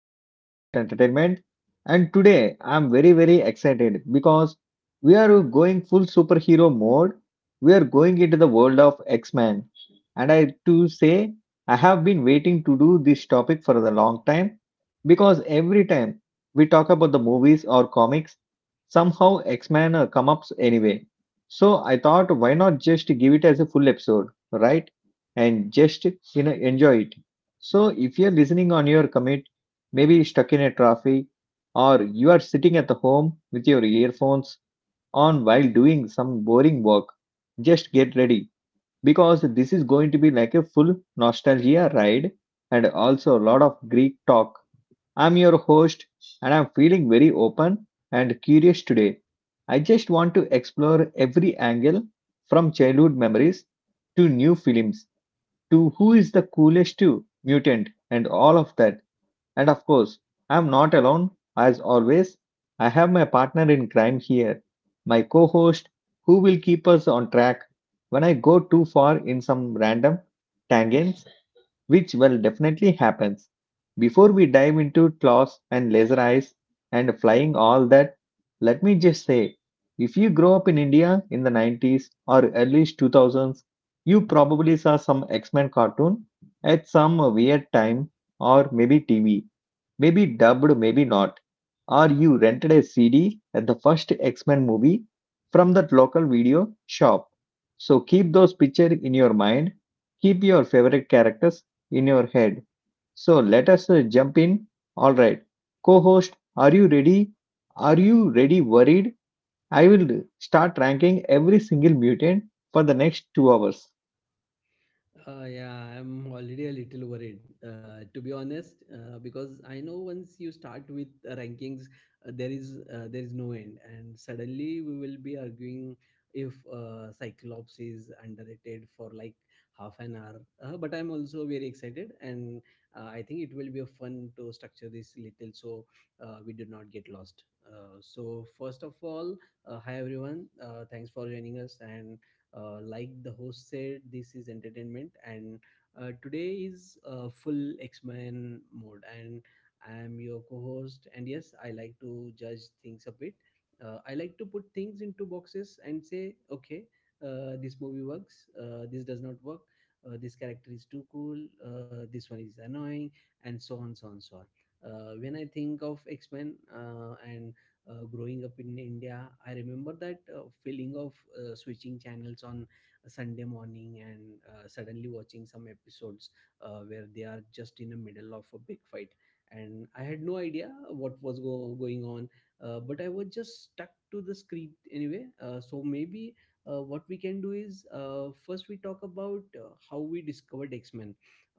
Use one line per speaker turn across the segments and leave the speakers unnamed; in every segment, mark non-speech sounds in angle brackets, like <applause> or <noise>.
our podcast Entertainment. And today I'm very, very excited because we are going full superhero mode. We are going into the world of X-Men. And I to say, I have been waiting to do this topic for a long time because every time we talk about the movies or comics, somehow X-Men come up anyway. So I thought, why not just give it as a full episode, right? And just enjoy it so, if you're listening on your commute, maybe stuck in a traffic, or you are sitting at the home with your earphones on while doing some boring work, just get ready because this is going to be like a full nostalgia ride and also a lot of Greek talk. I'm your host and I'm feeling very open and curious today. I just want to explore every angle from childhood memories to new films to who is the coolest to mutant and all of that. And of course, I'm not alone as always. I have my partner in crime here, my co-host who will keep us on track when I go too far in some random tangents which will definitely happens. Before we dive into claws and laser eyes and flying all that, let me just say if you grow up in India in the 90s or early 2000s, you probably saw some X Men cartoon at some weird time or maybe TV. Maybe dubbed, maybe not. Or you rented a CD at the first X Men movie from that local video shop. So keep those pictures in your mind, keep your favorite characters in your head. So let us jump in. All right, co host, are you ready? Are you ready? Worried? I will start ranking every single mutant for the next 2 hours.
Yeah, I'm already a little worried, to be honest, because I know once you start with rankings, there is no end, and suddenly we will be arguing if Cyclops is underrated for like half an hour. But I'm also very excited, and I think it will be fun to structure this little so we do not get lost. So first of all, hi everyone, thanks for joining us and like the host said, this is entertainment, and today is full X Men mode. And I am your co host. And yes, I like to judge things a bit. I like to put things into boxes and say, okay, this movie works, this does not work, this character is too cool, this one is annoying, and so on, so on, so on. When I think of X Men and growing up in India, I remember that feeling of switching channels on a Sunday morning and suddenly watching some episodes where they are just in the middle of a big fight. And I had no idea what was going on, but I was just stuck to the screen anyway. So maybe what we can do is first we talk about how we discovered X Men,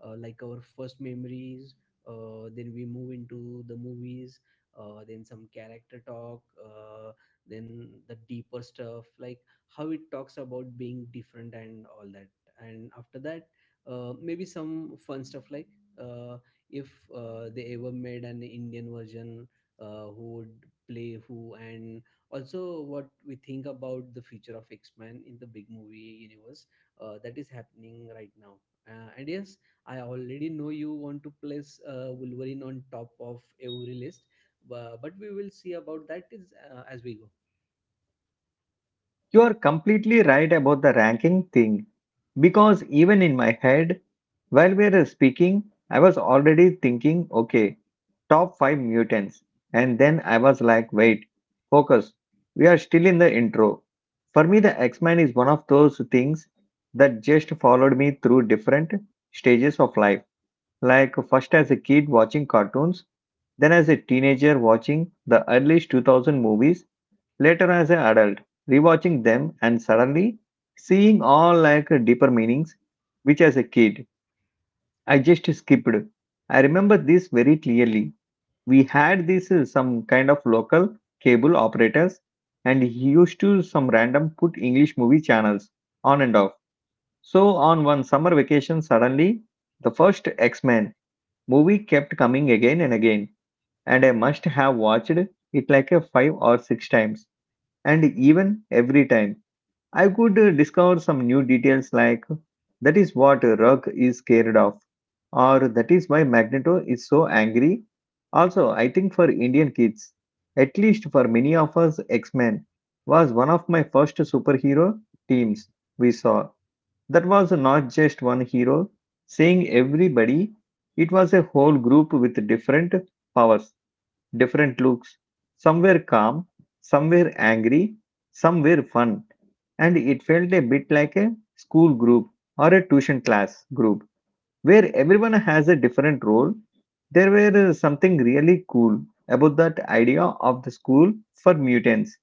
like our first memories. Then we move into the movies, then some character talk, then the deeper stuff like how it talks about being different and all that, and after that maybe some fun stuff like uh, if they ever made an indian version, who would play who, and also what we think about the future of x-men in the big movie universe that is happening right now. And yes, I already know you want to place wolverine on top of every list. But we will see about that is as we go.
You are completely right about the ranking thing because even in my head, while we were speaking, I was already thinking, okay, top five mutants. And then I was like, wait, focus. We are still in the intro. For me, the X Men is one of those things that just followed me through different stages of life. Like, first as a kid watching cartoons, then as a teenager watching the early 2000 movies later as an adult, rewatching them and suddenly seeing all like deeper meanings, which as a kid I just skipped. I remember this very clearly. We had this some kind of local cable operators and he used to some random put English movie channels on and off. So on one summer vacation suddenly the first X-Men movie kept coming again and again and I must have watched it like a 5 or 6 times and even every time I could discover some new details like that is what a Rug is scared of, or that is why Magneto is so angry. Also, I think for Indian kids, at least for many of us, X Men was one of my first superhero teams we saw. That was not just one hero, seeing everybody, it was a whole group with different powers, different looks. Some were calm, some were angry, some were fun and it felt a bit like a school group or a tuition class group where everyone has a different role. There were something really cool about that idea of the school for mutants,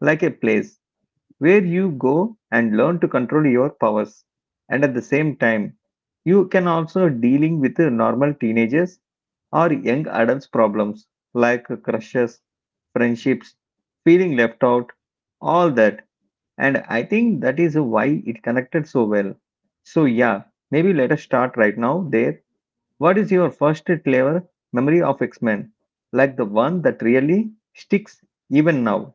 like a place where you go and learn to control your powers, and at the same time, you can also dealing with normal teenagers or young adults problems like crushes, friendships, feeling left out, all that and I think that is why it connected so well. So, yeah, maybe let us start right now there. What is your first clever memory of X Men? Like the one that really sticks even now?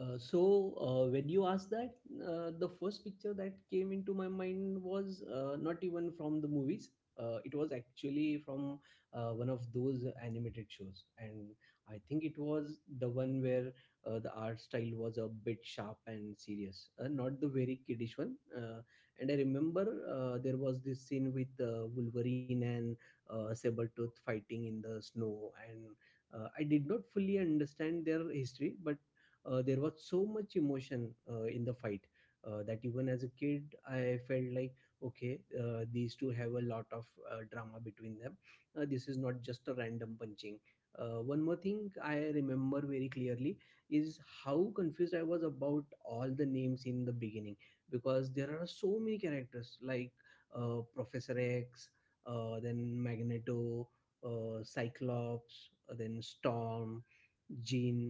So when you asked that, the first picture that came into my mind was not even from the movies. It was actually from one of those animated shows, and I think it was the one where the art style was a bit sharp and serious, not the very kiddish one. And I remember there was this scene with Wolverine and Sabretooth fighting in the snow, and I did not fully understand their history, but there was so much emotion in the fight that even as a kid I felt like okay, these two have a lot of drama between them. This is not just a random punching. One more thing I remember very clearly is how confused I was about all the names in the beginning because there are so many characters like professor x, then magneto, cyclops, then storm, jean,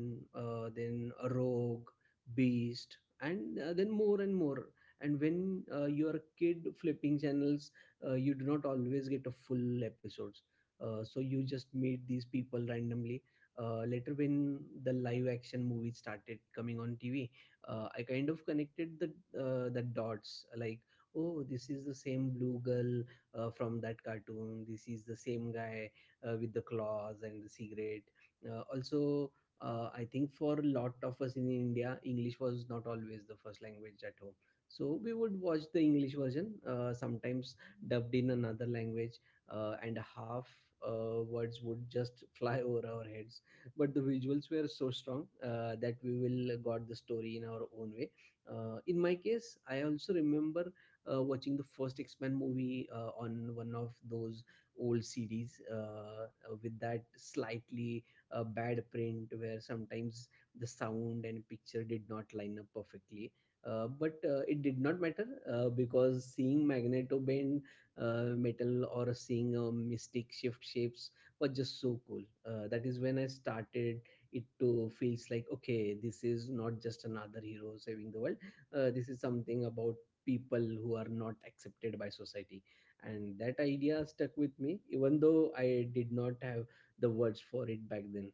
then rogue, beast, and then more and more. And when you are a kid flipping channels, you do not always get a full episodes, so you just meet these people randomly. Later when the live action movies started coming on tv, I kind of connected the dots like oh, this is the same blue girl from that cartoon, this is the same guy with the claws and the cigarette. Also, I think for a lot of us in India, English was not always the first language at home. So we would watch the English version, sometimes dubbed in another language, and half words would just <laughs> fly over our heads. But the visuals were so strong that we will got the story in our own way. In my case, I also remember watching the first X-Men movie on one of those old CDs with that slightly a bad print where sometimes the sound and picture did not line up perfectly. But it did not matter because seeing magneto bend metal or seeing a mystic shift shapes was just so cool. That is when I started it to feels like okay, this is not just another hero saving the world. This is something about people who are not accepted by society, and that idea stuck with me even though I did not have the words for it back then.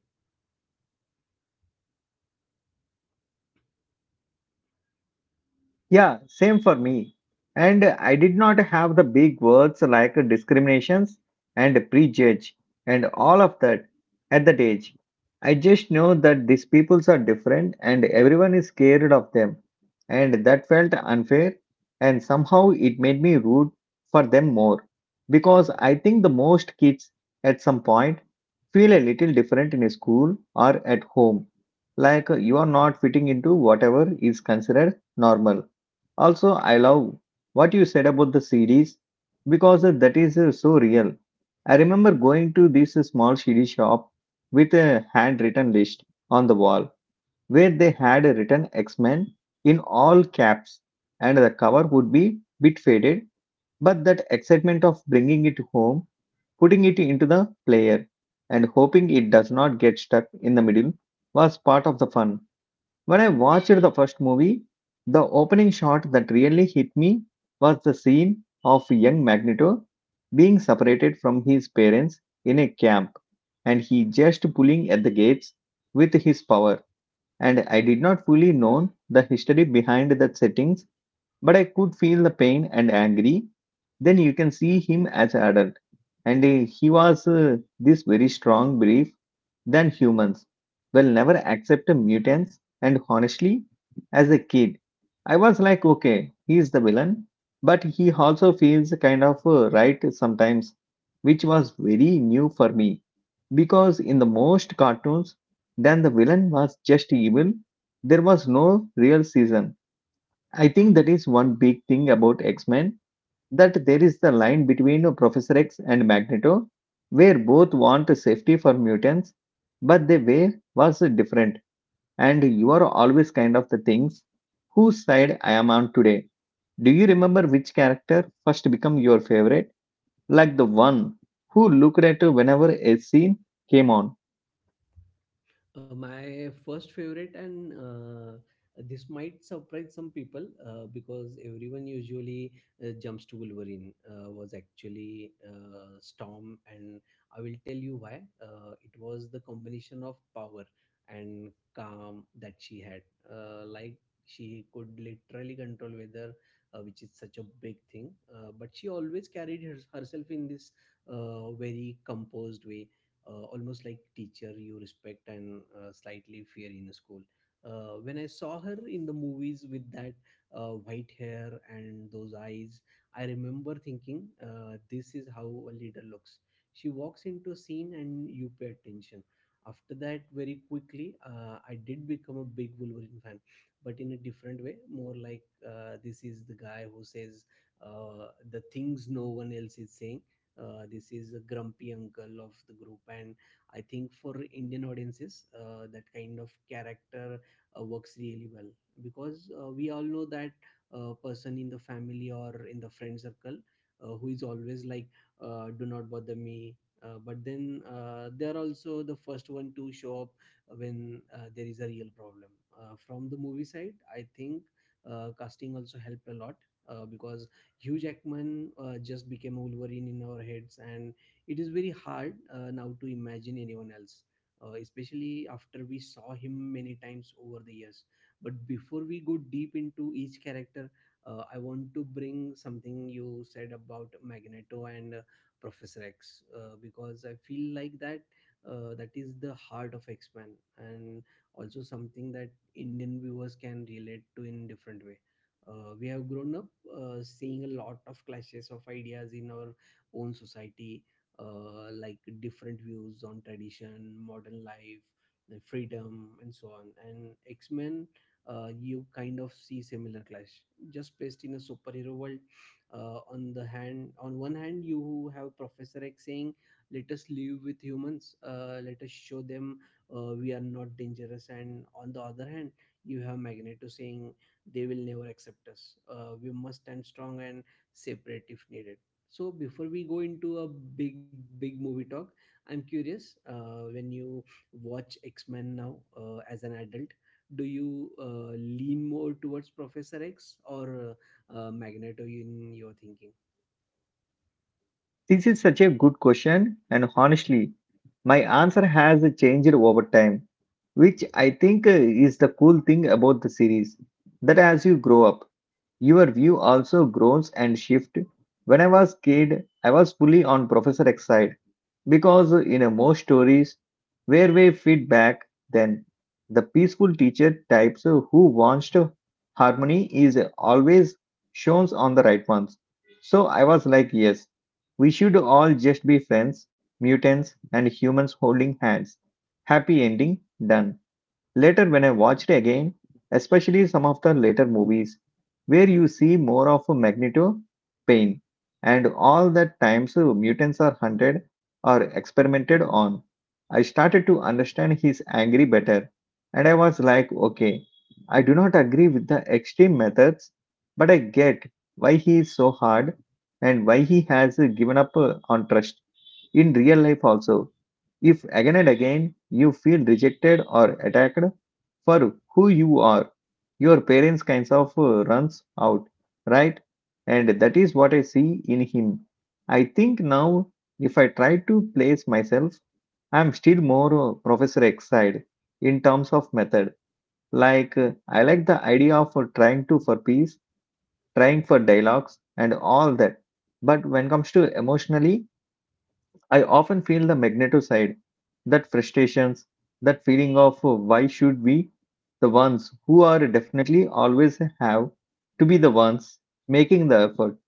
Yeah, same for
Yeah.
me. And I did not have the big words like discriminations and prejudge and all of that at that age. I just know that these peoples are different and everyone is scared of them. And that felt unfair. And somehow it made me root for them more. Because I think the most kids at some point feel a little different in school or at home. Like you are not fitting into whatever is considered normal also, I love what you said about the CDs because that is so real. I remember going to this small CD shop with a handwritten list on the wall where they had written X Men in all caps, and the cover would be bit faded, but that excitement of bringing it home, putting it into the player, and hoping it does not get stuck in the middle was part of the fun. When I watched the first movie, the opening shot that really hit me was the scene of young Magneto being separated from his parents in a camp and he just pulling at the gates with his power. And I did not fully know the history behind that settings but I could feel the pain and angry. Then you can see him as adult. And he was this very strong belief than humans will never accept mutants. And honestly, as a kid, I was like, okay, he is the villain, but he also feels kind of right sometimes, which was very new for me because in the most cartoons, then the villain was just evil. There was no real season I think that is one big thing about X Men that there is the line between Professor X and Magneto, where both want safety for mutants, but the way was different, and you are always kind of the things whose side I am on today. Do you remember which character first become your favorite? Like the one who looked at whenever a scene came on.
My first favorite, and this might surprise some people because everyone usually jumps to Wolverine, was actually Storm, and I will tell you why. It was the combination of power and calm that she had. Like, she could literally control weather, which is such a big thing. But she always carried herself in this very composed way, almost like teacher you respect and slightly fear in school. When I saw her in the movies with that white hair and those eyes, I remember thinking, this is how a leader looks. She walks into a scene and you pay attention. After that, very quickly, I did become a big Wolverine fan, but in a different way, more like this is the guy who says the things no one else is saying. This is a grumpy uncle of the group, and I think for indian audiences, that kind of character works really well because we all know that person in the family or in the friend circle who is always like do not bother me, but then they are also the first one to show up when there is a real problem. From the movie side I think casting also helped a lot because Hugh Jackman just became Wolverine in our heads, and it is very hard now to imagine anyone else, especially after we saw him many times over the years. But before we go deep into each character, I want to bring something you said about Magneto and Professor X because I feel like that is the heart of X Men, and also something that Indian viewers can relate to in different way. We have grown up seeing a lot of clashes of ideas in our own society, like different views on tradition, modern life, the freedom, and so on. And X Men, you kind of see similar clash, just placed in a superhero world. On one hand, you have Professor X saying, "Let us live with humans. Let us show them we are not dangerous." And on the other hand, you have Magneto saying, "They will never accept us. We must stand strong and separate if needed." So before we go into a big big movie talk, I'm curious. When you watch X Men now as an adult, do you lean more towards Professor X or Magneto in your thinking?
This is such a good question, and honestly, my answer has changed over time which I think is the cool thing about the series. That as you grow up, your view also grows and shift. When I was kid, I was fully on Professor X side because in most stories where we feed back, then the peaceful teacher types who wants to harmony is always shown on the right ones. So I was like, yes, we should all just be friends, mutants, and humans holding hands. Happy ending done. Later, when I watched again, especially some of the later movies, where you see more of a Magneto, Pain, and all that times mutants are hunted or experimented on, I started to understand his angry better. And I was like, okay, I do not agree with the extreme methods, but I get why he is so hard and why he has given up on trust in real life also if again and again you feel rejected or attacked for who you are, your parents kinds of runs out, right? And that is what I see in him. I think now if I try to place myself, I'm still more Professor X side in terms of method. Like I like the idea of trying to for peace, trying for dialogues and all that. But when comes to emotionally, I often feel the magneto side, that frustrations, that feeling of why should we, the ones who are definitely always have to be the ones making the effort.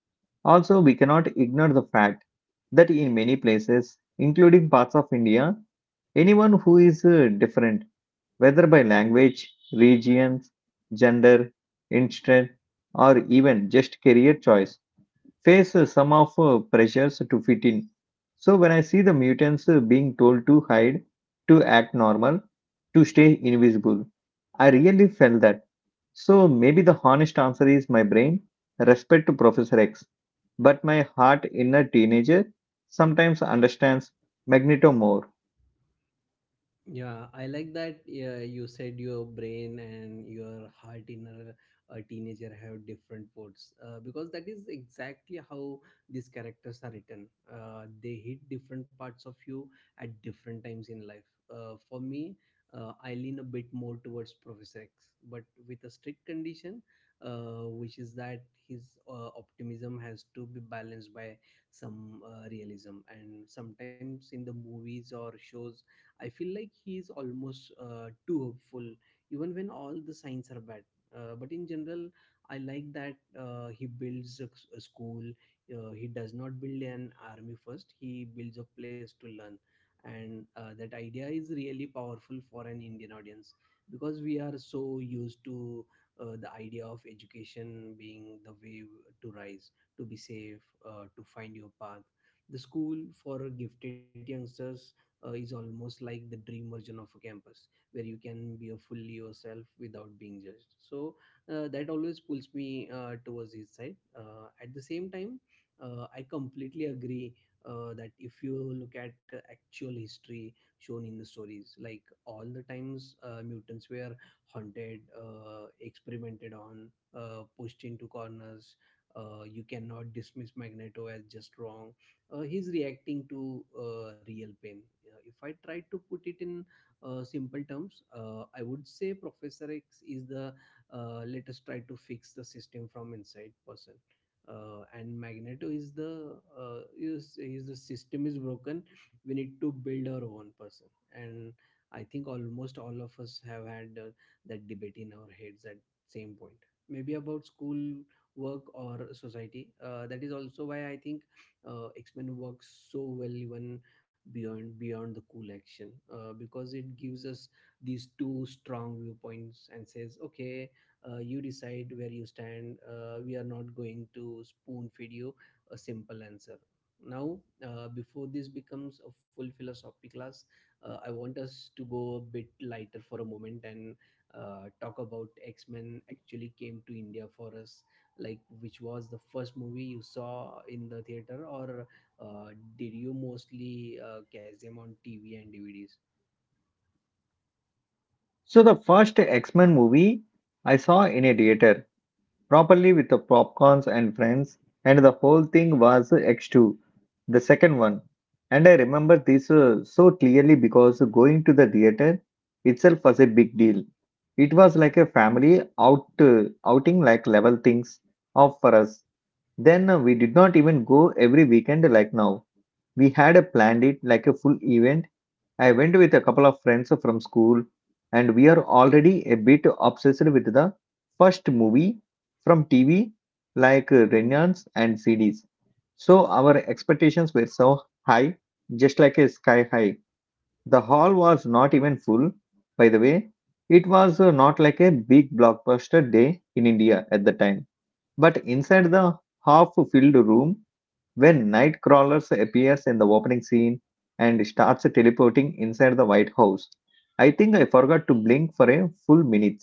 Also, we cannot ignore the fact that in many places, including parts of India, anyone who is different, whether by language, regions, gender, interest, or even just career choice, face some of pressures to fit in. So when I see the mutants being told to hide, to act normal, to stay invisible, I really felt that. So maybe the honest answer is my brain, respect to Professor X, but my heart inner teenager sometimes understands Magneto more.
Yeah, I like that you said your brain and your heart in a teenager have different words because that is exactly how these characters are written. They hit different parts of you at different times in life. For me, I lean a bit more towards Professor X, but with a strict condition, which is that his optimism has to be balanced by some realism. And sometimes in the movies or shows, I feel like he is almost too hopeful, even when all the signs are bad. But in general, I like that he builds a school. He does not build an army first. He builds a place to learn, and that idea is really powerful for an Indian audience because we are so used to the idea of education being the way to rise, to be safe, to find your path. The school for gifted youngsters is almost like the dream version of a campus where you can be a fully yourself without being judged, so that always pulls me towards his side. At the same time, I completely agree that if you look at the actual history shown in the stories, like all the times mutants were haunted, experimented on, pushed into corners, you cannot dismiss magneto as just wrong. He's reacting to real pain. If I try to put it in simple terms, I would say Professor X is the let us try to fix the system from inside person. And Magneto is the system is broken. We need to build our own person, and I think almost all of us have had that debate in our heads at same point. Maybe about school, work, or society. That is also why I think X Men works so well even beyond the cool action, because it gives us these two strong viewpoints and says okay, you decide where you stand. We are not going to spoon feed you a simple answer now. Before this becomes a full philosophy class, I want us to go a bit lighter for a moment and talk about x-men actually came to india for us. Like, which was the first movie you saw in the theater, or uh, did you mostly catch them on TV and DVDs?
So the first X-Men movie I saw in a theater properly with the popcorns and friends, and the whole thing was X2, the second one. And I remember this so clearly because going to the theater itself was a big deal. It was like a family out outing like level things off for us. Then we did not even go every weekend like now. We had planned it like a full event I went with a couple of friends from school, and we are already a bit obsessed with the first movie from TV, like Renaissance and CDs. So our expectations were so high, just like a sky high. The hall was not even full, by the way. It was not like a big blockbuster day in India at the time. But inside the half filled room, when Nightcrawler appears in the opening scene and starts teleporting inside the White House. I think I forgot to blink for a full minute.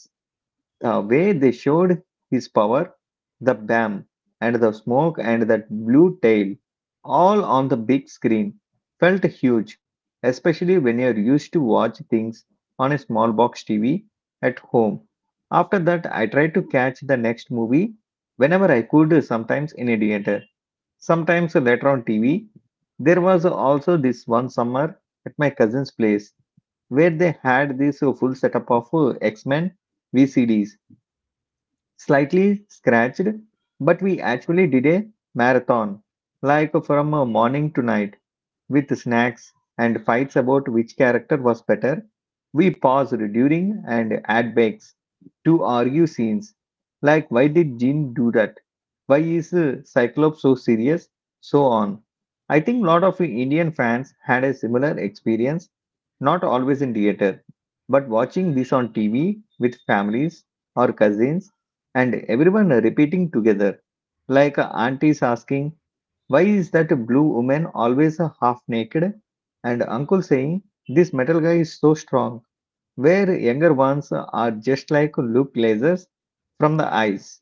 The way they showed his power, the bam, and the smoke, and that blue tail, all on the big screen, felt huge, especially when you're used to watch things on a small box TV at home. After that, I tried to catch the next movie whenever I could, sometimes in a theater. Sometimes later on TV, there was also this one summer at my cousin's place where they had this full setup of X-Men VCDs, slightly scratched, but we actually did a marathon, like from morning to night with snacks and fights about which character was better. We paused during and ad breaks to argue scenes like, why did Jin do that? Why is Cyclops so serious? So on. I think lot of Indian fans had a similar experience, not always in theater, but watching this on TV with families or cousins and everyone repeating together, like aunties asking, why is that blue woman always half naked? And uncle saying, this metal guy is so strong, where younger ones are just like, look lasers from the eyes.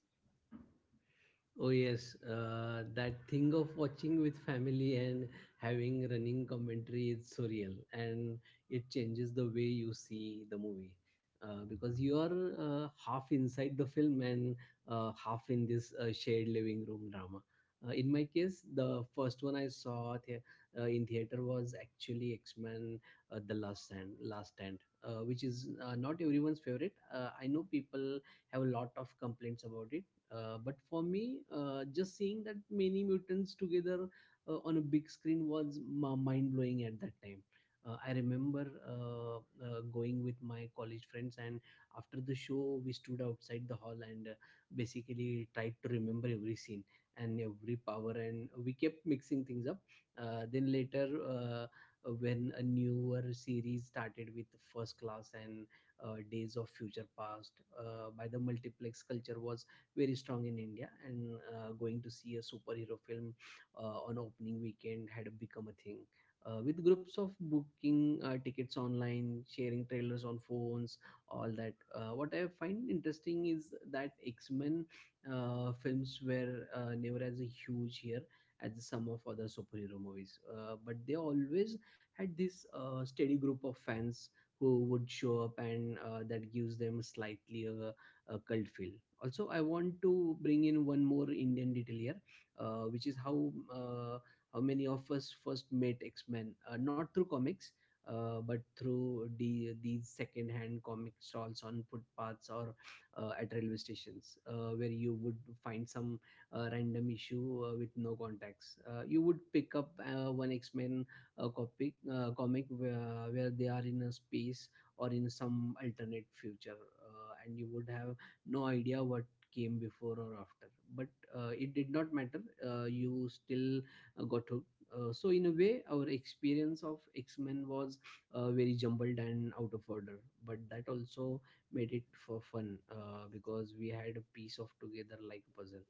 Oh yes, that thing of watching with family and having running commentary is surreal, and it changes the way you see the movie because you are half inside the film and half in this shared living room drama. In my case, the first one I saw in theater was actually X Men: The Last Stand, which is not everyone's favorite. I know people have a lot of complaints about it, but for me, just seeing that many mutants together on a big screen was mind blowing at that time. I remember going with my college friends, and after the show, we stood outside the hall and basically tried to remember every scene and every power, and we kept mixing things up. Then later, when a newer series started with First Class and Days of Future Past, by the multiplex culture was very strong in India, and going to see a superhero film on opening weekend had become a thing. With groups of booking tickets online, sharing trailers on phones, all that. What I find interesting is that X Men films were never as huge here as some of other superhero movies, but they always had this steady group of fans who would show up, and that gives them slightly a cult feel. Also, I want to bring in one more indian detail here, which is how, how many of us first met x-men not through comics but through these second-hand comic stalls on footpaths or at railway stations, where you would find some random issue with no contacts. You would pick up one X-Men comic where they are in a space or in some alternate future, and you would have no idea what came before or after, but it did not matter. You still got hooked. So in a way our experience of x-men was very jumbled and out of order, but that also made it for fun, because we had a piece of together like a puzzle.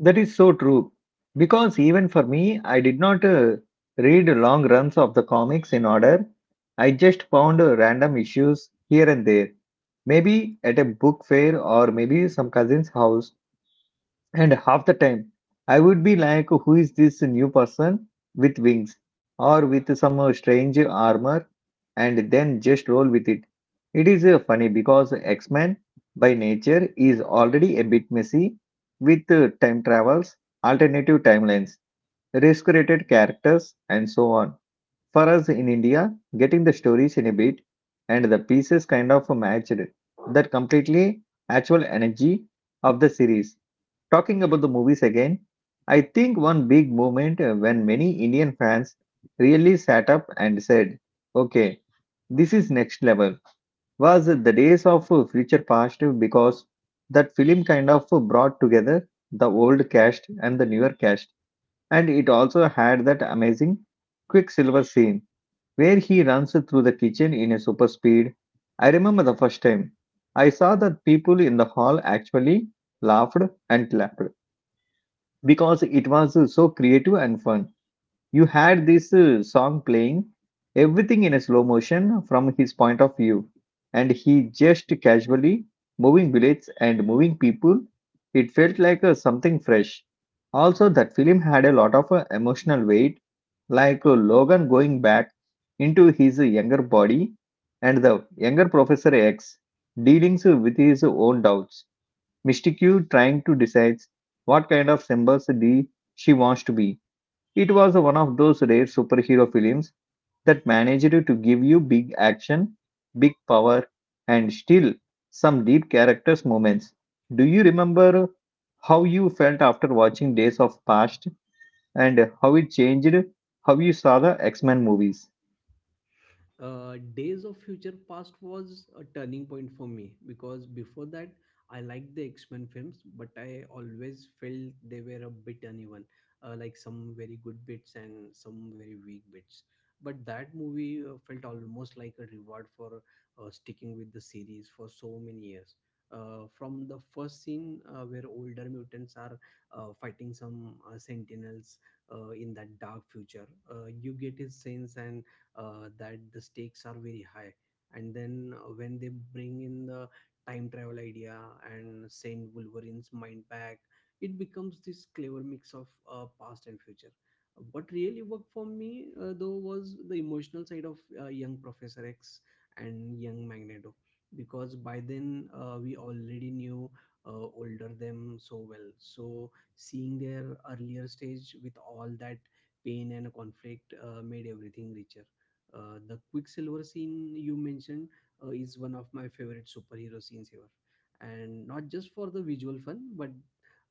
That is so true. Because even for me, I did not read long runs of the comics in order. I just found random issues here and there, maybe at a book fair or maybe some cousin's house. And half the time, I would be like, who is this new person with wings? Or with some strange armor, and then just roll with it. It is funny because X Men by nature is already a bit messy with time travels, alternative timelines, resurrected characters, and so on. For us in India, getting the stories in a bit and the pieces kind of matched that completely actual energy of the series. Talking about the movies again, I think one big moment when many Indian fans really sat up and said, okay, this is next level, was the days of Future Past, because that film kind of brought together the old cast and the newer cast. And it also had that amazing Quicksilver scene where he runs through the kitchen in a super speed. I remember the first time I saw that, people in the hall actually laughed and clapped because it was so creative and fun. You had this song playing, everything in a slow motion from his point of view, and he just casually moving bullets and moving people. It felt like something fresh. Also, that film had a lot of emotional weight, like Logan going back into his younger body and the younger Professor X dealing with his own doubts. Mystique trying to decide what kind of Sembusdi she wants to be. It was one of those rare superhero films that managed to give you big action, big power, and still some deep characters moments. Do you remember how you felt after watching Days of Past and how it changed how you saw the X-Men movies?
Days of Future Past was a turning point for me, because before that I liked the X Men films, but I always felt they were a bit uneven, like some very good bits and some very weak bits. But that movie felt almost like a reward for sticking with the series for so many years. From the first scene where older mutants are fighting some sentinels in that dark future, you get his sense and that the stakes are very high, and then when they bring in the time travel idea and send wolverine's mind back, it becomes this clever mix of past and future. What really worked for me, though, was the emotional side of young professor x and young magneto, because by then we already knew older them so well, so seeing their earlier stage with all that pain and conflict made everything richer. The Quicksilver scene you mentioned is one of my favorite superhero scenes ever, and not just for the visual fun, but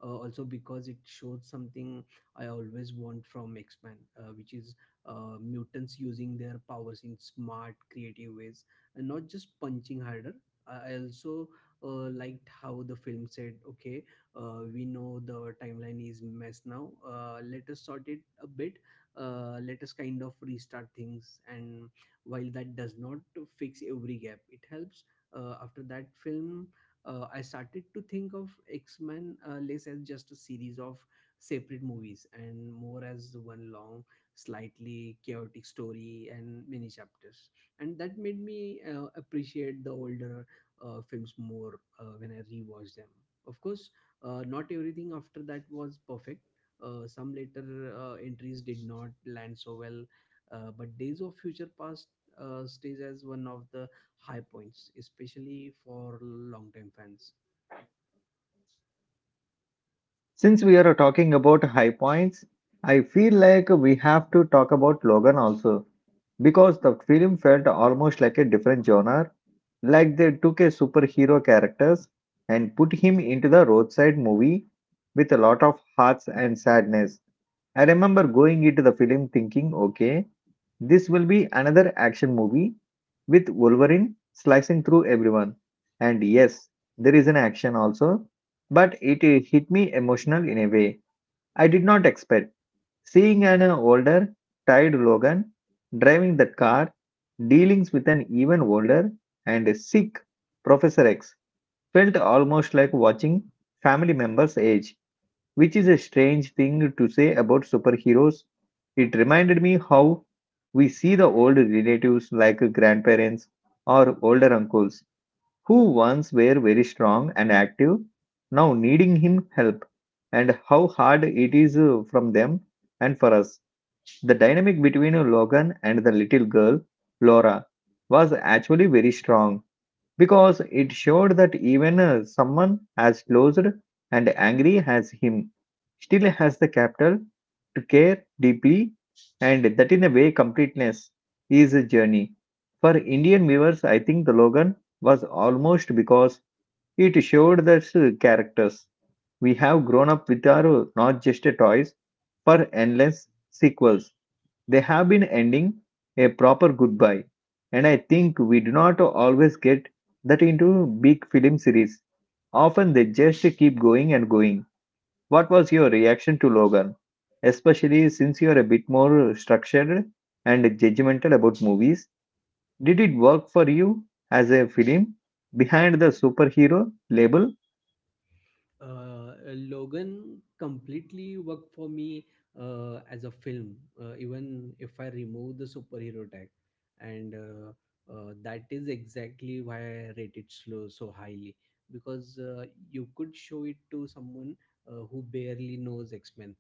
also because it showed something I always want from X Men, which is mutants using their powers in smart, creative ways, and not just punching harder. I also liked how the film said, "Okay, we know the timeline is mess now. Let us sort it a bit. Let us kind of restart things. And while that does not fix every gap, it helps. After that film, I started to think of x-men less as just a series of separate movies and more as one long, slightly chaotic story and many chapters, and that made me appreciate the older films more when I rewatched them. Of course, not everything after that was perfect. Some later entries did not land so well, but Days of Future Past stays as one of the high points, especially for long-time fans.
Since we are talking about high points, I feel like we have to talk about Logan also, because the film felt almost like a different genre, like they took a superhero characters and put him into the roadside movie with a lot of hearts and sadness. I remember going into the film thinking, okay, this will be another action movie with Wolverine slicing through everyone. And yes, there is an action also, but it hit me emotional in a way I did not expect. Seeing an older, tired Logan driving that car, dealing with an even older and sick Professor X, felt almost like watching family members age, which is a strange thing to say about superheroes. It reminded me how we see the old relatives like grandparents or older uncles who once were very strong and active, now needing him help, and how hard it is from them and for us. The dynamic between Logan and the little girl, Laura, was actually very strong because it showed that even someone as closed and angry as him still has the capital to care deeply, and that in a way completeness is a journey. For Indian viewers, I think the Logan was almost because it showed that characters we have grown up with are not just toys for endless sequels. They have been ending a proper goodbye, and I think we do not always get that into big film series. Often they just keep going and going. What was your reaction to Logan? Especially since you are a bit more structured and judgmental about movies, did it work for you as a film behind the superhero label?
Logan completely worked for me as a film, even if I remove the superhero tag, and that is exactly why I rate it slow so highly, because you could show it to someone who barely knows X Men,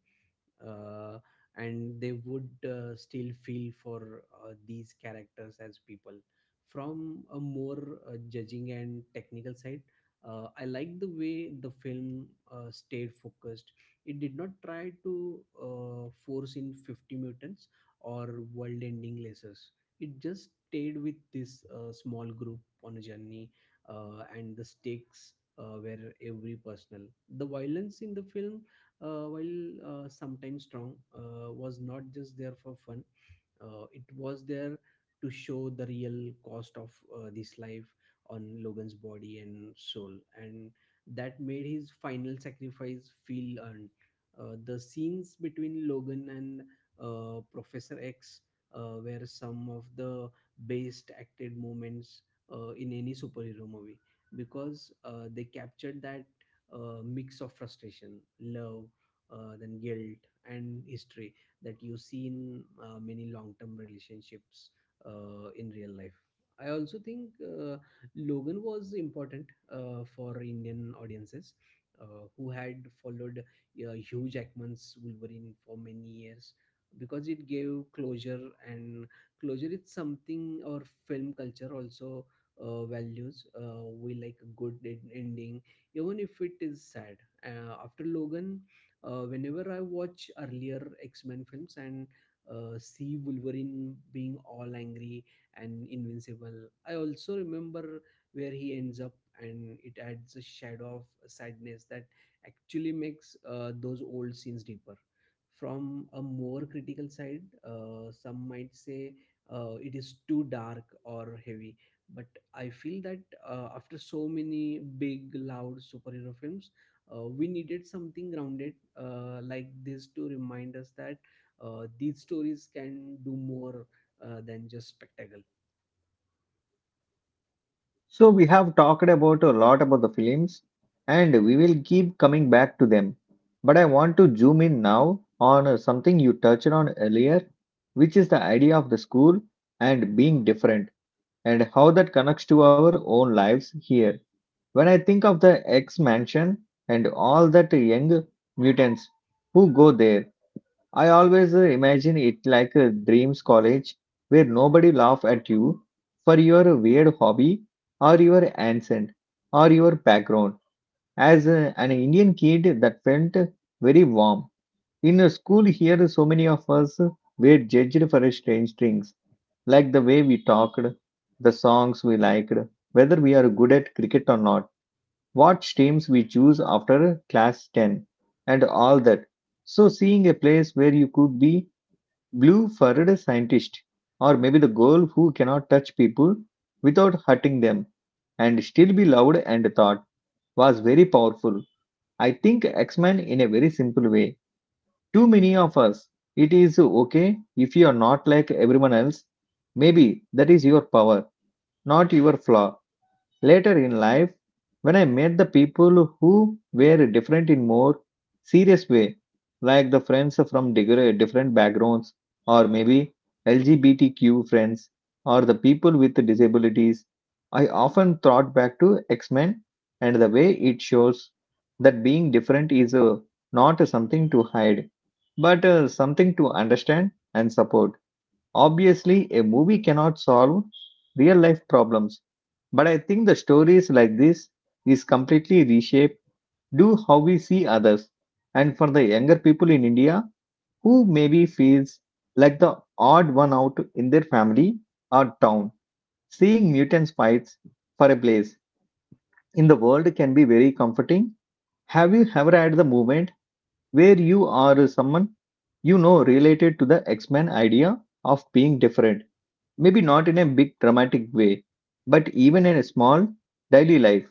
uh, and they would still feel for these characters as people. From a more judging and technical side, I like the way the film stayed focused. It did not try to force in 50 mutants or world ending lasers. It just stayed with this small group on a journey, and the stakes were every personal. The violence in the film, while sometimes strong, was not just there for fun. It was there to show the real cost of this life on Logan's body and soul, and that made his final sacrifice feel earned. The scenes between Logan and Professor X were some of the best acted moments in any superhero movie, because they captured that mix of frustration, love, then guilt, and history that you see in many long-term relationships in real life. I also think, Logan was important for Indian audiences who had followed Hugh Jackman's Wolverine for many years, because it gave closure, and closure is something our film culture also values. We like a good ending, even if it is sad. After logan, whenever I watch earlier X Men films and see Wolverine being all angry and invincible, I also remember where he ends up, and it adds a shadow of sadness that actually makes those old scenes deeper. From a more critical side, some might say it is too dark or heavy, but I feel that after so many big, loud superhero films, we needed something grounded like this to remind us that these stories can do more than just spectacle.
So we have talked about a lot about the films and we will keep coming back to them. But I want to zoom in now on something you touched on earlier, which is the idea of the school and being different and how that connects to our own lives here. When I think of the X Mansion and all that young mutants who go there, I always imagine it like a dreams college where nobody laugh at you for your weird hobby or your accent or your background. As an Indian kid, that felt very warm. In a school here, so many of us were judged for strange things, like the way we talked, the songs we liked, whether we are good at cricket or not, what teams we choose after class 10, and all that. So, seeing a place where you could be blue furred scientist, or maybe the girl who cannot touch people without hurting them and still be loved and thought, was very powerful. I think X Men in a very simple way. Too many of us, it is okay if you are not like everyone else. Maybe that is your power, not your flaw. Later in life, when I met the people who were different in more serious way, like the friends from different backgrounds, or maybe LGBTQ friends, or the people with disabilities, I often thought back to X Men and the way it shows that being different is not something to hide, but something to understand and support. Obviously, a movie cannot solve real life problems, but I think the stories like this is completely reshape do how we see others. And for the younger people in India who maybe feels like the odd one out in their family or town, seeing mutants fights for a place in the world can be very comforting. Have you ever had the moment where you are someone you know related to the X-Men idea of being different? Maybe not in a big dramatic way, but even in a small daily life.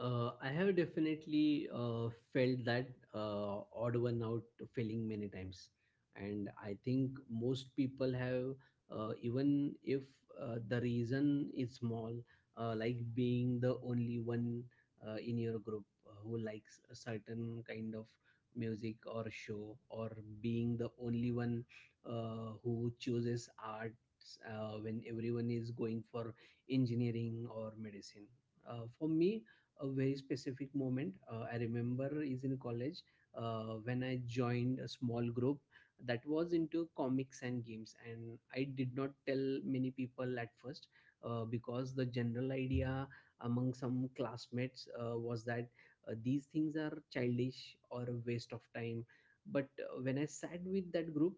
I have definitely felt that odd one out feeling many times, and I think most people have, even if the reason is small, like being the only one in your group who likes a certain kind of music or show, or being the only one who chooses arts when everyone is going for engineering or medicine. For me, a very specific moment I remember is in college when I joined a small group that was into comics and games, and I did not tell many people at first because the general idea among some classmates was that these things are childish or a waste of time. But when I sat with that group,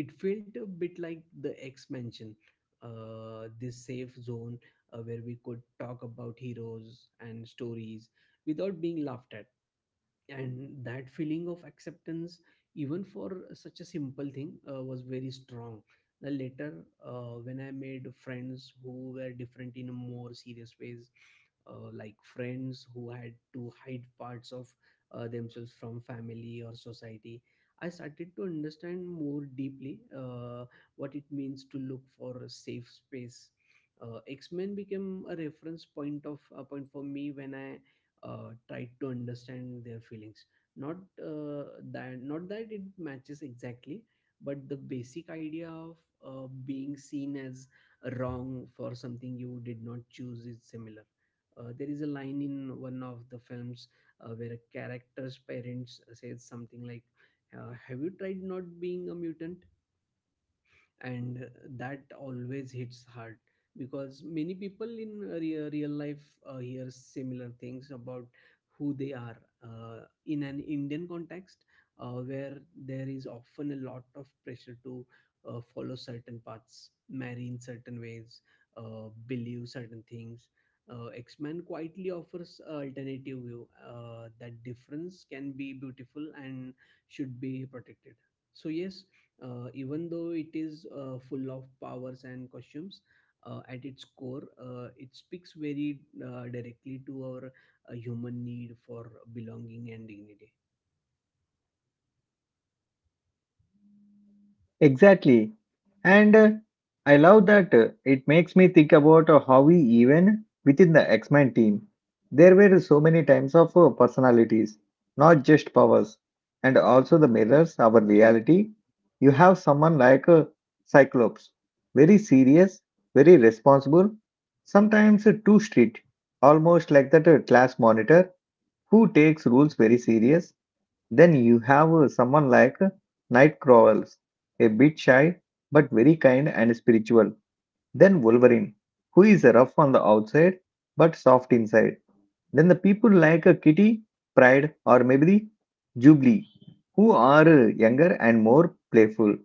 it felt a bit like the X Mansion, this safe zone where we could talk about heroes and stories without being laughed at. And that feeling of acceptance, even for such a simple thing, was very strong. The later, when I made friends who were different in a more serious ways, like friends who had to hide parts of themselves from family or society, I started to understand more deeply what it means to look for a safe space. X-men became a reference point of a point for me when I tried to understand their feelings. Not uh, that not that it matches exactly, but the basic idea of being seen as wrong for something you did not choose is similar. There is a line in one of the films where a character's parents says something like, have you tried not being a mutant? And that always hits hard because many people in real life hear similar things about who they are. In an indian context where there is often a lot of pressure to follow certain paths, marry in certain ways, believe certain things, X-men quietly offers a alternative view that difference can be beautiful and should be protected. So yes, even though it is full of powers and costumes, at its core, it speaks very directly to our human need for belonging and dignity.
Exactly. And I love that it makes me think about how we, even within the X Men team, there were so many types of personalities, not just powers, and also the mirrors, our reality. You have someone like Cyclops, very serious, very responsible, sometimes too strict, almost like that class monitor who takes rules very serious. Then you have someone like Nightcrawlers, a bit shy but very kind and spiritual. Then Wolverine, who is rough on the outside but soft inside. Then the people like Kitty, Pride, or maybe Jubilee, who are younger and more playful.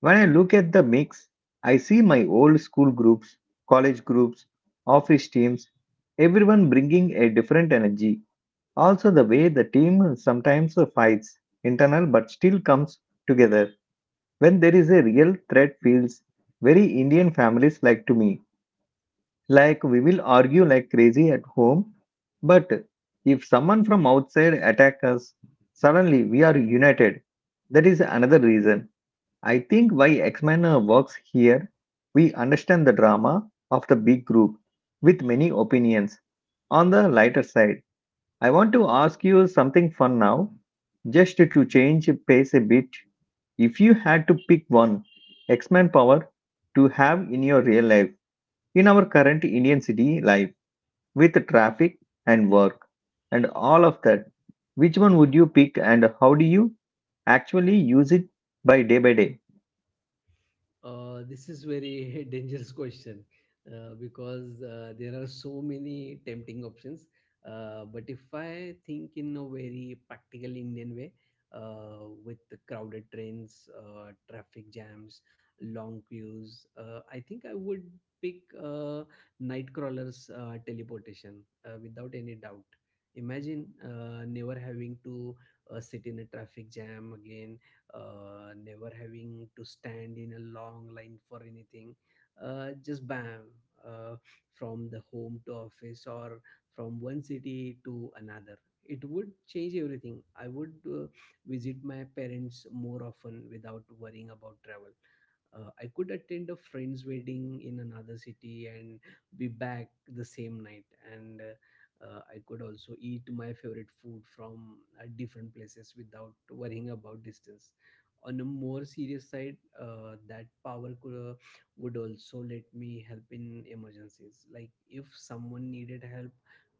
When I look at the mix, I see my old school groups, college groups, office teams, everyone bringing a different energy. Also, the way the team sometimes fights internal but still comes together when there is a real threat feels very Indian families like to me. Like we will argue like crazy at home, but if someone from outside attack us, suddenly we are united. That is another reason I think why X-Men works here. We understand the drama of the big group with many opinions. On the lighter side, I want to ask you something fun now, just to change pace a bit. If you had to pick one X-Men power to have in your real life, in our current Indian city life, with traffic and work and all of that, which one would you pick and how do you actually use it by day by day?
This is very <laughs> dangerous question because there are so many tempting options. But if I think in a very practical Indian way, with the crowded trains, traffic jams, long queues, I think I would pick night crawlers teleportation without any doubt. Imagine never having to sit in a traffic jam again, never having to stand in a long line for anything. Just bam, uh, from the home to office or from one city to another. It would change everything. I would visit my parents more often without worrying about travel. I could attend a friend's wedding in another city and be back the same night. And I could also eat my favorite food from different places without worrying about distance. On a more serious side, that power would also let me help in emergencies, like if someone needed help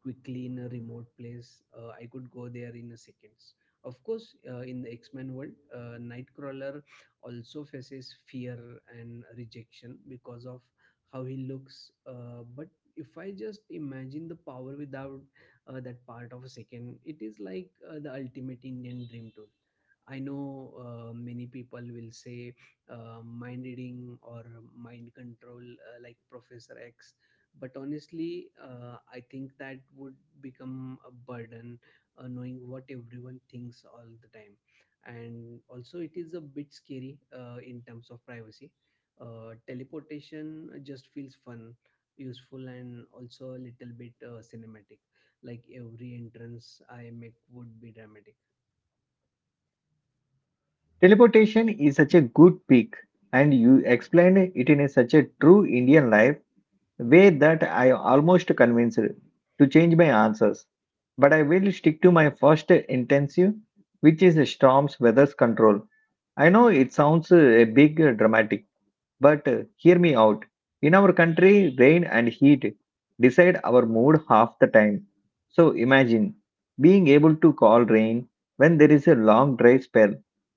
quickly in a remote place. I could go there in a seconds. Of course, in the x-men world, nightcrawler also faces fear and rejection because of how he looks. But if I just imagine the power without that part of a second, it is like the ultimate indian dream tool. I know many people will say mind reading or mind control, like Professor X. But honestly, I think that would become a burden, knowing what everyone thinks all the time. And also, it is a bit scary in terms of privacy. Teleportation just feels fun, useful, and also a little bit cinematic. Like every entrance I make would be dramatic.
Teleportation is such a good pick, and you explained it in a such a true Indian life way that I almost convinced her to change my answers. But I will stick to my first intensive, which is storms weather control. I know it sounds a big dramatic, but hear me out. In our country, rain and heat decide our mood half the time. So imagine being able to call rain when there is a long dry spell,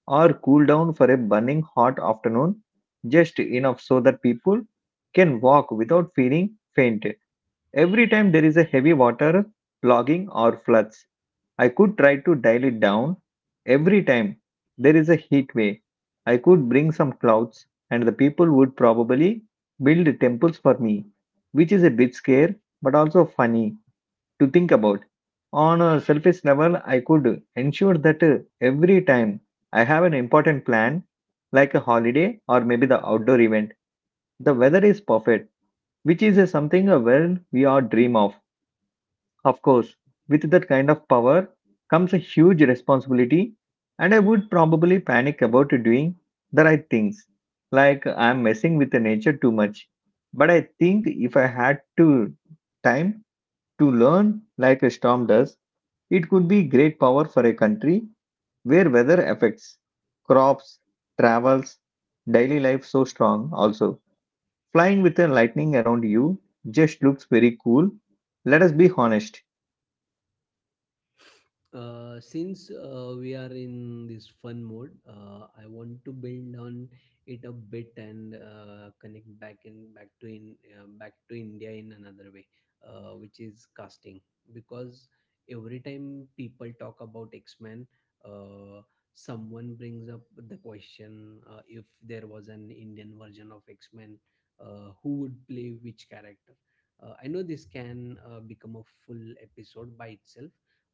or cool down for a burning hot afternoon just enough so that people can walk without feeling faint. Every time there is a heavy water, logging or floods, I could try to dial it down. Every time there is a heat wave, I could bring some clouds, and the people would probably build temples for me, which is a bit scary but also funny to think about. On a selfish level, I could ensure that every time I have an important plan, like a holiday or maybe the outdoor event, the weather is perfect, which is something a well we all dream of. Of course, with that kind of power comes a huge responsibility, and I would probably panic about doing the right things, like I'm messing with the nature too much. But I think if I had to time to learn like a storm does, it could be great power for a country where weather affects crops, travels, daily life so strong also. Flying with the lightning around you just looks very cool. Let us be honest.
Since we are in this fun mode, I want to build on it a bit and connect back in back to India in another way, which is casting. Because every time people talk about X Men, uh, someone brings up the question: if there was an Indian version of X Men, who would play which character? I know this can become a full episode by itself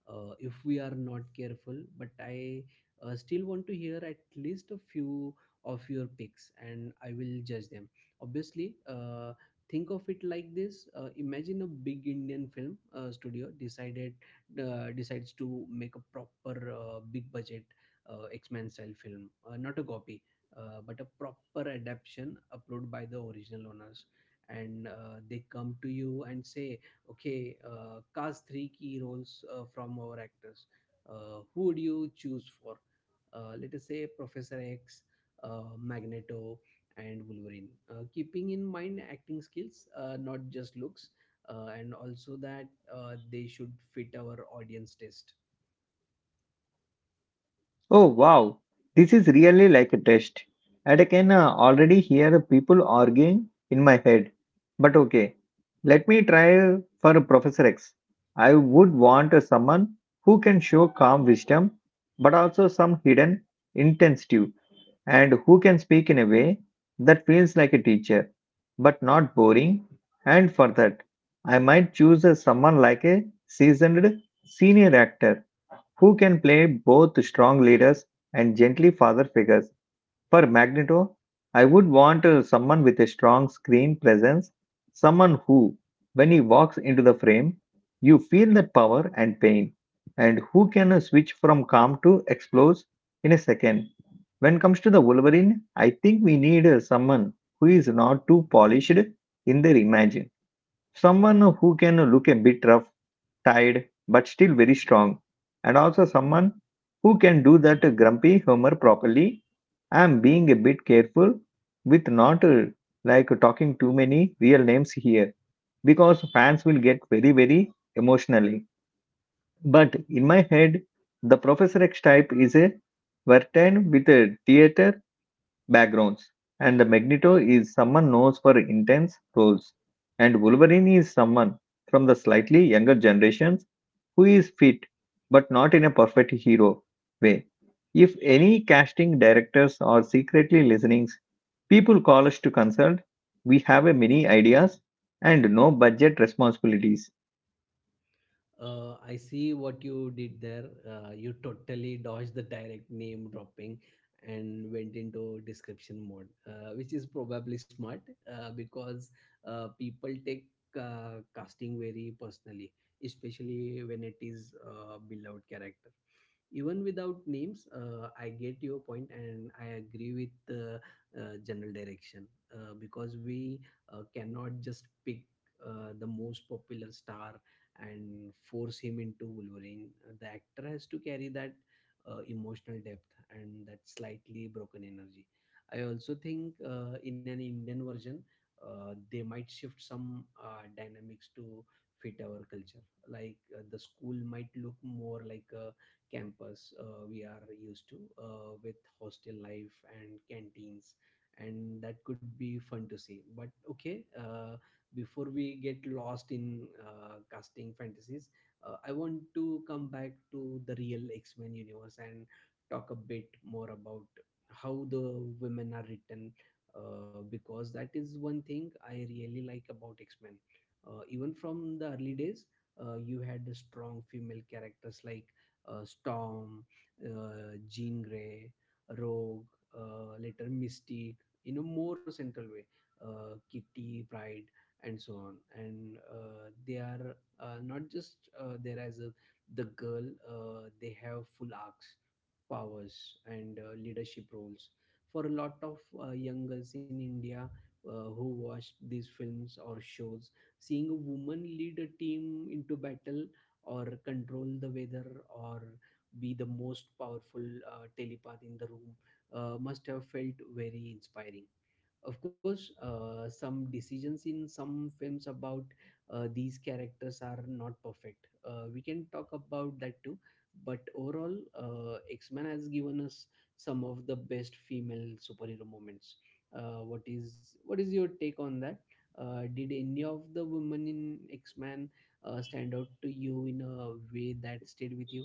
if we are not careful, but I still want to hear at least a few of your picks, and I will judge them obviously. Think of it like this: imagine a big indian film studio decided decides to make a proper big budget x-men style film, not a copy but a proper adaptation uploaded by the original owners. And they come to you and say, okay, cast three key roles from our actors. Who would you choose for? Let us say Professor X, Magneto, and Wolverine. Keeping in mind acting skills, not just looks, and also that they should fit our audience taste.
Oh wow, this is really like a test. And I can already hear people arguing in my head. But okay, let me try for Professor X. I would want someone who can show calm wisdom, but also some hidden intensity, and who can speak in a way that feels like a teacher, but not boring. And for that, I might choose someone like a seasoned senior actor who can play both strong leaders and gently father figures. For Magneto, I would want someone with a strong screen presence, someone who, when he walks into the frame, you feel that power and pain, and who can switch from calm to explode in a second. When it comes to the Wolverine, I think we need someone who is not too polished in their image, someone who can look a bit rough tired, but still very strong, and also someone who can do that grumpy humor properly. I'm being a bit careful with not talking too many real names here because fans will get very, very emotionally. But in my head, the Professor X type is a Vertain with a theater backgrounds, and the Magneto is someone known for intense roles, and Wolverine is someone from the slightly younger generations who is fit but not in a perfect hero way. If any casting directors are secretly listening, people call us to consult. We have a many ideas and no budget responsibilities.
I see what you did there. You totally dodged the direct name dropping and went into description mode, which is probably smart because people take casting very personally, especially when it is beloved character. Even without names, I get your point and I agree with the general direction because we cannot just pick the most popular star and force him into Wolverine. The actor has to carry that emotional depth and that slightly broken energy. I also think in an Indian version, they might shift some dynamics to fit our culture. Like the school might look more like a campus we are used to, with hostel life and canteens, and that could be fun to see. But okay. Before we get lost in casting fantasies, I want to come back to the real X Men universe and talk a bit more about how the women are written, because that is one thing I really like about X-Men. Even from the early days, you had the strong female characters like Storm, Jean Grey, Rogue, later Mystique, in a more central way, Kitty, Pride, and so on. And they are not just there as a, the girl, they have full arcs, powers, and leadership roles. For a lot of young girls in India who watched these films or shows, seeing a woman lead a team into battle or control the weather or be the most powerful telepath in the room must have felt very inspiring. Of course, some decisions in some films about these characters are not perfect. We can talk about that too, but overall, x-men has given us some of the best female superhero moments. What is your take on that? Did any of the women in x-men stand out to you in a way that stayed with you?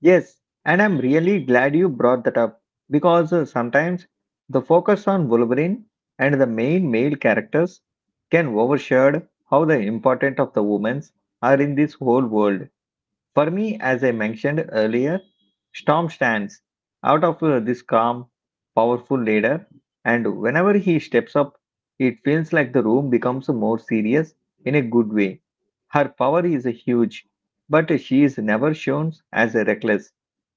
Yes, and I'm really glad you brought that up because sometimes the focus on Wolverine and the main male characters can overshadow how the important of the women are in this whole world. For me, as I mentioned earlier, Storm stands out of this calm, powerful leader, and whenever he steps up, it feels like the room becomes more serious in a good way. Her power is huge, but she is never shown as a reckless.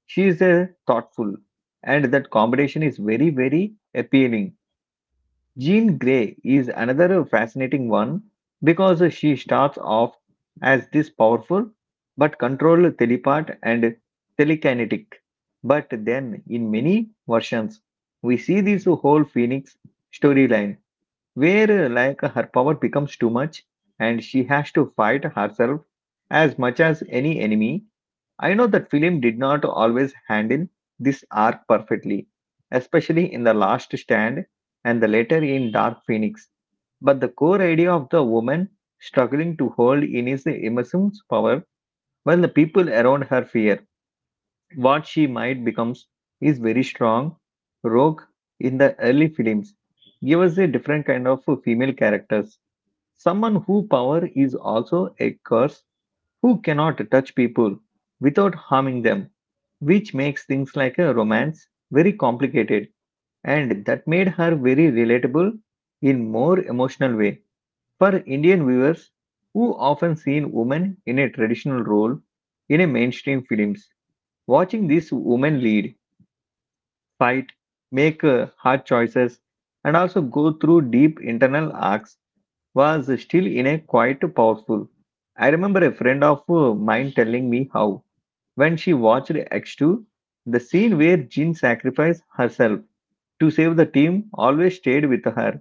She is a thoughtful, and that combination is very, very appealing. Jean Grey is another fascinating one because she starts off as this powerful but controlled telepath and telekinetic. But then, in many versions, we see this whole Phoenix storyline where her power becomes too much and she has to fight herself as much as any enemy. I know that film did not always handle this arc perfectly, especially in The Last Stand and the later in Dark Phoenix, but the core idea of the woman struggling to hold in his immense power while the people around her fear what she might become is very strong. Rogue in the early films give us a different kind of female characters. Someone who power is also a curse who cannot touch people without harming them which makes things like a romance very complicated and that made her very relatable in more emotional way for indian viewers who often seen women in a traditional role in a mainstream films watching these women lead fight make hard choices and also go through deep internal arcs was still in a quite powerful. I remember a friend of mine telling me how, when she watched X2, the scene where Jean sacrificed herself to save the team always stayed with her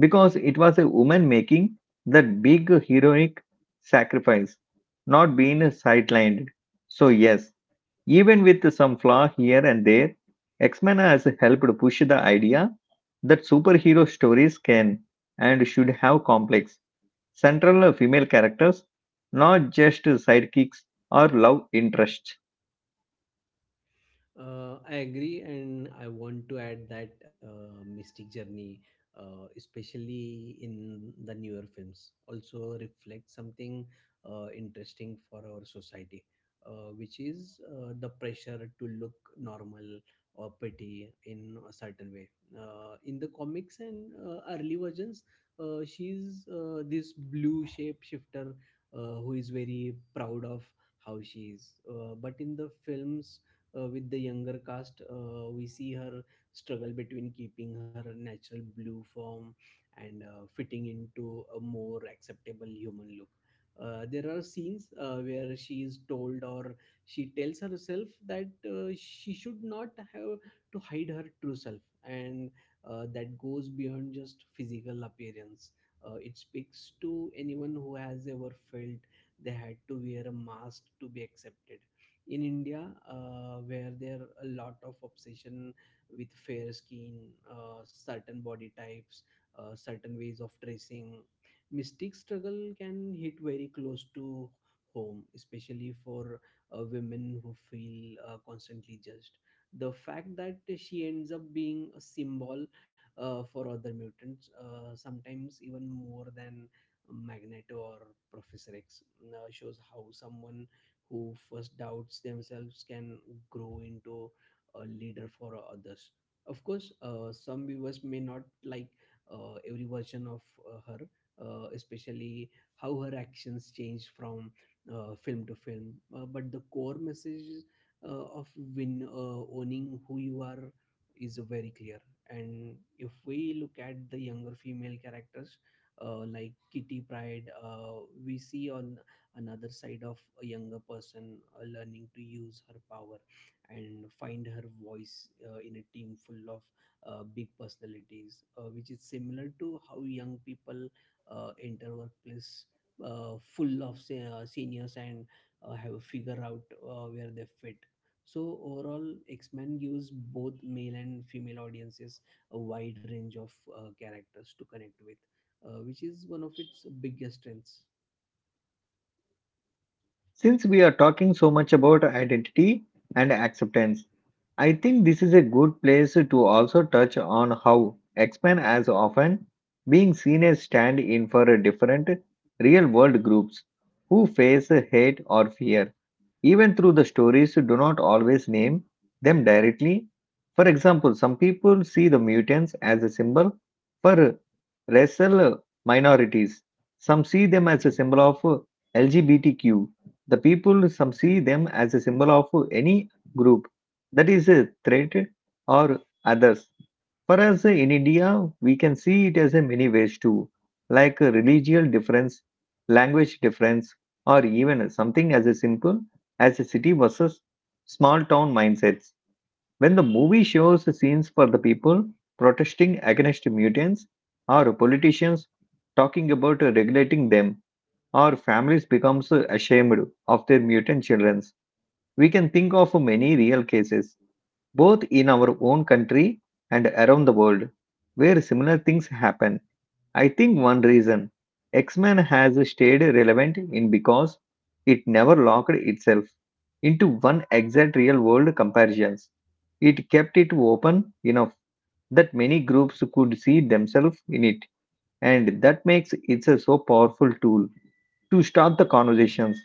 because it was a woman making that big heroic sacrifice, not being sidelined. So, yes, even with some flaw here and there, X Men has helped push the idea that superhero stories can and should have complex central female characters, not just sidekicks or love interests.
I agree, and I want to add that Mystic Journey, especially in the newer films, also reflects something interesting for our society, which is the pressure to look normal or pretty in a certain way. In the comics and early versions, she's this blue shapeshifter who is very proud of how she is. But in the films, with the younger cast, we see her struggle between keeping her natural blue form and fitting into a more acceptable human look. There are scenes where she is told or she tells herself that she should not have to hide her true self, and that goes beyond just physical appearance. It speaks to anyone who has ever felt they had to wear a mask to be accepted. In India, where there are a lot of obsession with fair skin, certain body types, certain ways of dressing, mystic struggle can hit very close to home, especially for women who feel constantly judged. The fact that she ends up being a symbol for other mutants, sometimes even more than Magneto or Professor X, shows how someone who first doubts themselves can grow into a leader for others. Of course, some viewers may not like every version of her, especially how her actions change from film to film. But the core message of win owning who you are is very clear. And if we look at the younger female characters like Kitty Pride, we see on another side of a younger person learning to use her power and find her voice in a team full of big personalities, which is similar to how young people enter workplace full of seniors and have a figure out where they fit. So overall, X-Men gives both male and female audiences a wide range of characters to connect with, which is one of its biggest strengths.
Since we are talking so much about identity and acceptance, I think this is a good place to also touch on how X-Men as often being seen as stand in for different real world groups who face hate or fear even through the stories do not always name them directly. For example, some people see the mutants as a symbol for racial minorities. Some see them as a symbol of LGBTQ. The people some see them as a symbol of any group that is a threat or others. For us in India, we can see it as a many ways too, like religious difference, language difference, or even something as a simple as a city versus small town mindsets. When the movie shows the scenes for the people protesting against mutants, or politicians talking about regulating them, or families becomes ashamed of their mutant children, we can think of many real cases, both in our own country and around the world, where similar things happen. I think one reason X-Men has stayed relevant in because it never locked itself into one exact real world comparisons. It kept it open enough that many groups could see themselves in it, and that makes it a so powerful tool to start the conversations.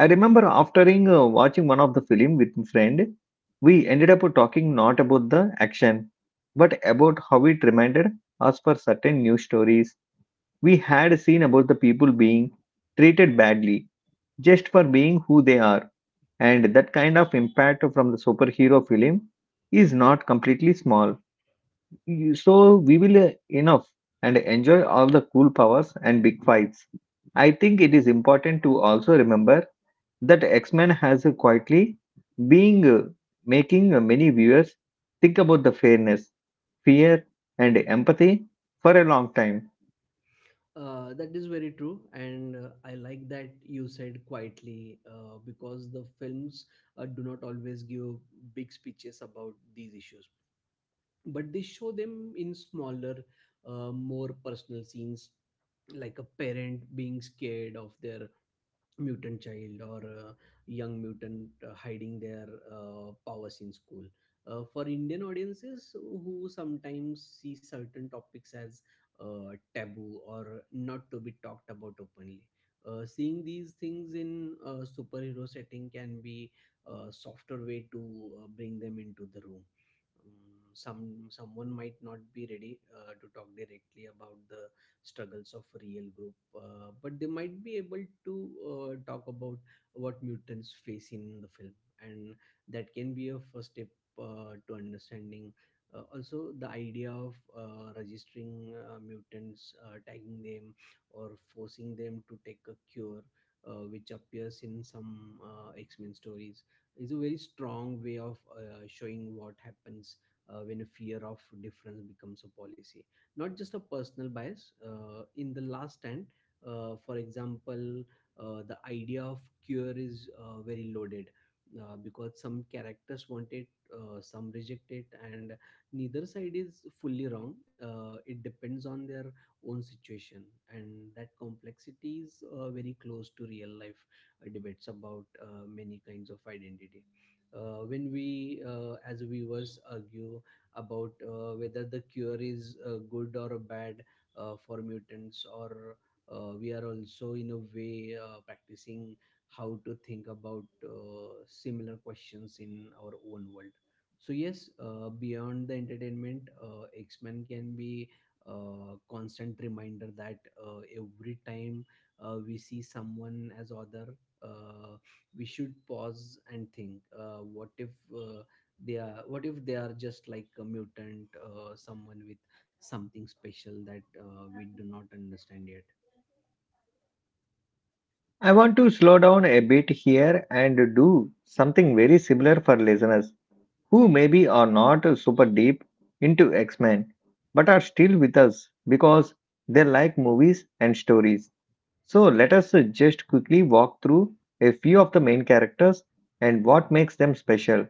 I remember after watching one of the film with a friend, we ended up talking not about the action, but about how it reminded us for certain news stories we had seen about the people being treated badly just for being who they are, and that kind of impact from the superhero film is not completely small. So we will enough and enjoy all the cool powers and big fights. I think it is important to also remember that X-Men has quietly being making many viewers think about the fairness, fear, and empathy for a long time.
That is very true, and I like that you said quietly because the films do not always give big speeches about these issues, but they show them in smaller, more personal scenes, like a parent being scared of their mutant child or a young mutant hiding their powers in school. For Indian audiences who sometimes see certain topics as taboo or not to be talked about openly, seeing these things in a superhero setting can be a softer way to bring them into the room. Some someone might not be ready to talk directly about the struggles of real group, but they might be able to talk about what mutants face in the film, and that can be a first step to understanding. Also, the idea of registering mutants, tagging them or forcing them to take a cure, which appears in some x-men stories, is a very strong way of showing what happens when a fear of difference becomes a policy, not just a personal bias. In the last stand, for example, the idea of cure is very loaded because some characters want it, some reject it, and neither side is fully wrong. It depends on their own situation, and that complexity is very close to real life debates about many kinds of identity. When we as viewers argue about whether the cure is good or bad for mutants, or we are also in a way practicing how to think about similar questions in our own world. So yes, beyond the entertainment, x-men can be a constant reminder that every time we see someone as other, uh, we should pause and think, what if uh, they are what if they are just like a mutant, someone with something special that we do not understand yet.
I want to slow down a bit here and do something very similar for listeners who maybe are not super deep into X Men but are still with us because they like movies and stories. So, let us just quickly walk through a few of the main characters and what makes them special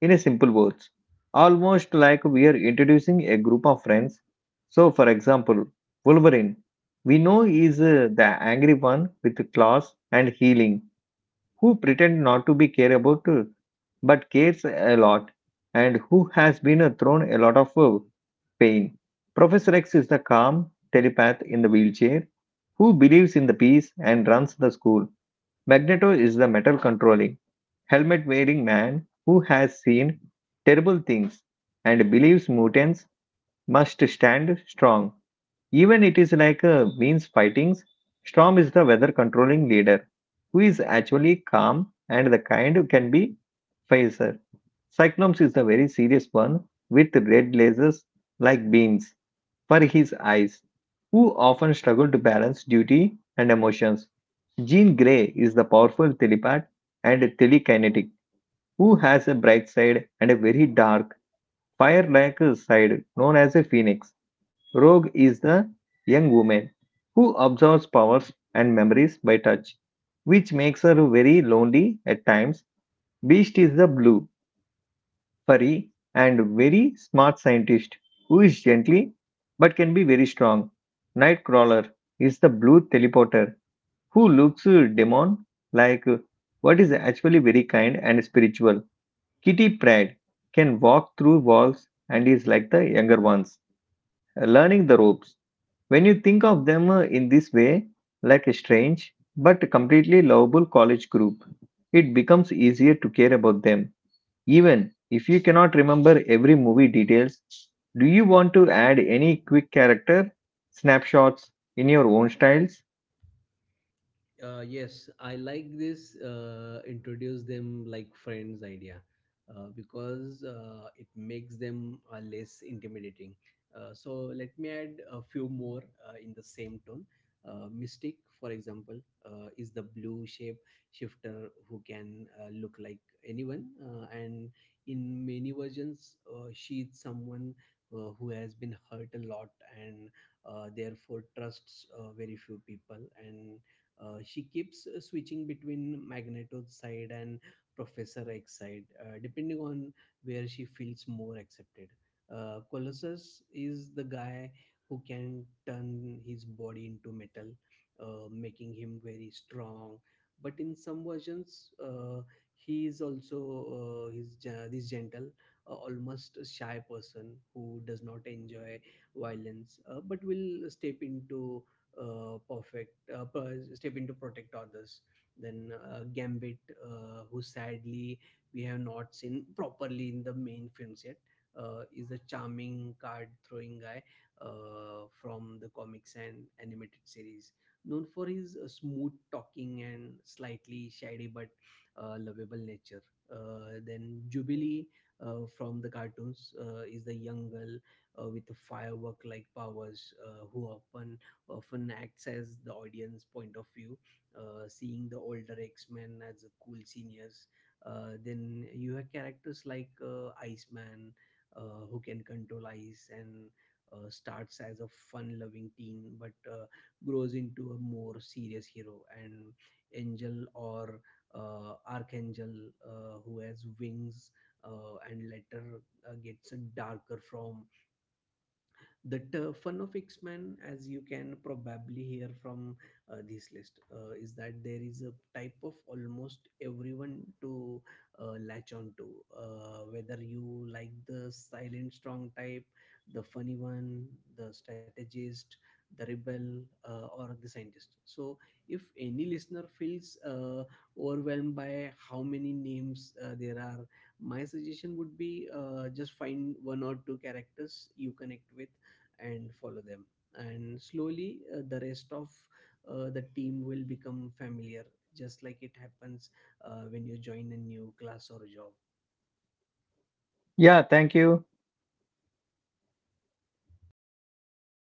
in a simple words, almost like we are introducing a group of friends. So, for example, Wolverine, we know is the angry one with claws and healing, who pretend not to be care about, but cares a lot, and who has been thrown a lot of pain. Professor X is the calm telepath in the wheelchair, who believes in the peace and runs the school. Magneto is the metal controlling helmet wearing man who has seen terrible things and believes mutants must stand strong. Even it is like a means fightings, Storm is the weather controlling leader who is actually calm and the kind who can be facer. Cyclops is the very serious one with red lasers like beams for his eyes, who often struggle to balance duty and emotions. Jean Grey is the powerful telepath and telekinetic who has a bright side and a very dark, fire-like side known as a phoenix. Rogue is the young woman who absorbs powers and memories by touch, which makes her very lonely at times. Beast is the blue, furry, and very smart scientist who is gently but can be very strong. Nightcrawler is the blue teleporter who looks demon like what is actually very kind and spiritual. Kitty Pride can walk through walls and is like the younger ones, learning the ropes. When you think of them in this way, like a strange but completely lovable college group, it becomes easier to care about them. Even if you cannot remember every movie details, do you want to add any quick character snapshots in your own styles?
Yes, I like this introduce them like friends idea because it makes them less intimidating. So let me add a few more in the same tone. Mystic, for example, is the blue shape shifter who can look like anyone, and in many versions, she's someone who has been hurt a lot and therefore trusts very few people, and she keeps switching between Magneto's side and Professor X side, depending on where she feels more accepted. Colossus is the guy who can turn his body into metal, making him very strong. But in some versions, he is also he's ge- this gentle, almost a shy person who does not enjoy violence, but will step into step in to protect others. Then Gambit, who sadly we have not seen properly in the main films yet, is a charming card-throwing guy from the comics and animated series, known for his smooth talking and slightly shady but lovable nature. Then Jubilee from the cartoons is the young girl with the firework like powers who often acts as the audience point of view, seeing the older X-Men as the cool seniors. Then you have characters like Iceman, who can control ice and starts as a fun-loving teen, but grows into a more serious hero. And Angel or Archangel, who has wings and later gets darker. From the fun of X-Men, as you can probably hear from this list, is that there is a type of almost everyone to latch on to. Whether you like the silent strong type, the funny one, the strategist, the rebel, or the scientist. So, if any listener feels overwhelmed by how many names there are, my suggestion would be just find one or two characters you connect with and follow them, and slowly the rest of the team will become familiar, just like it happens when you join a new class or job.
Yeah, thank you.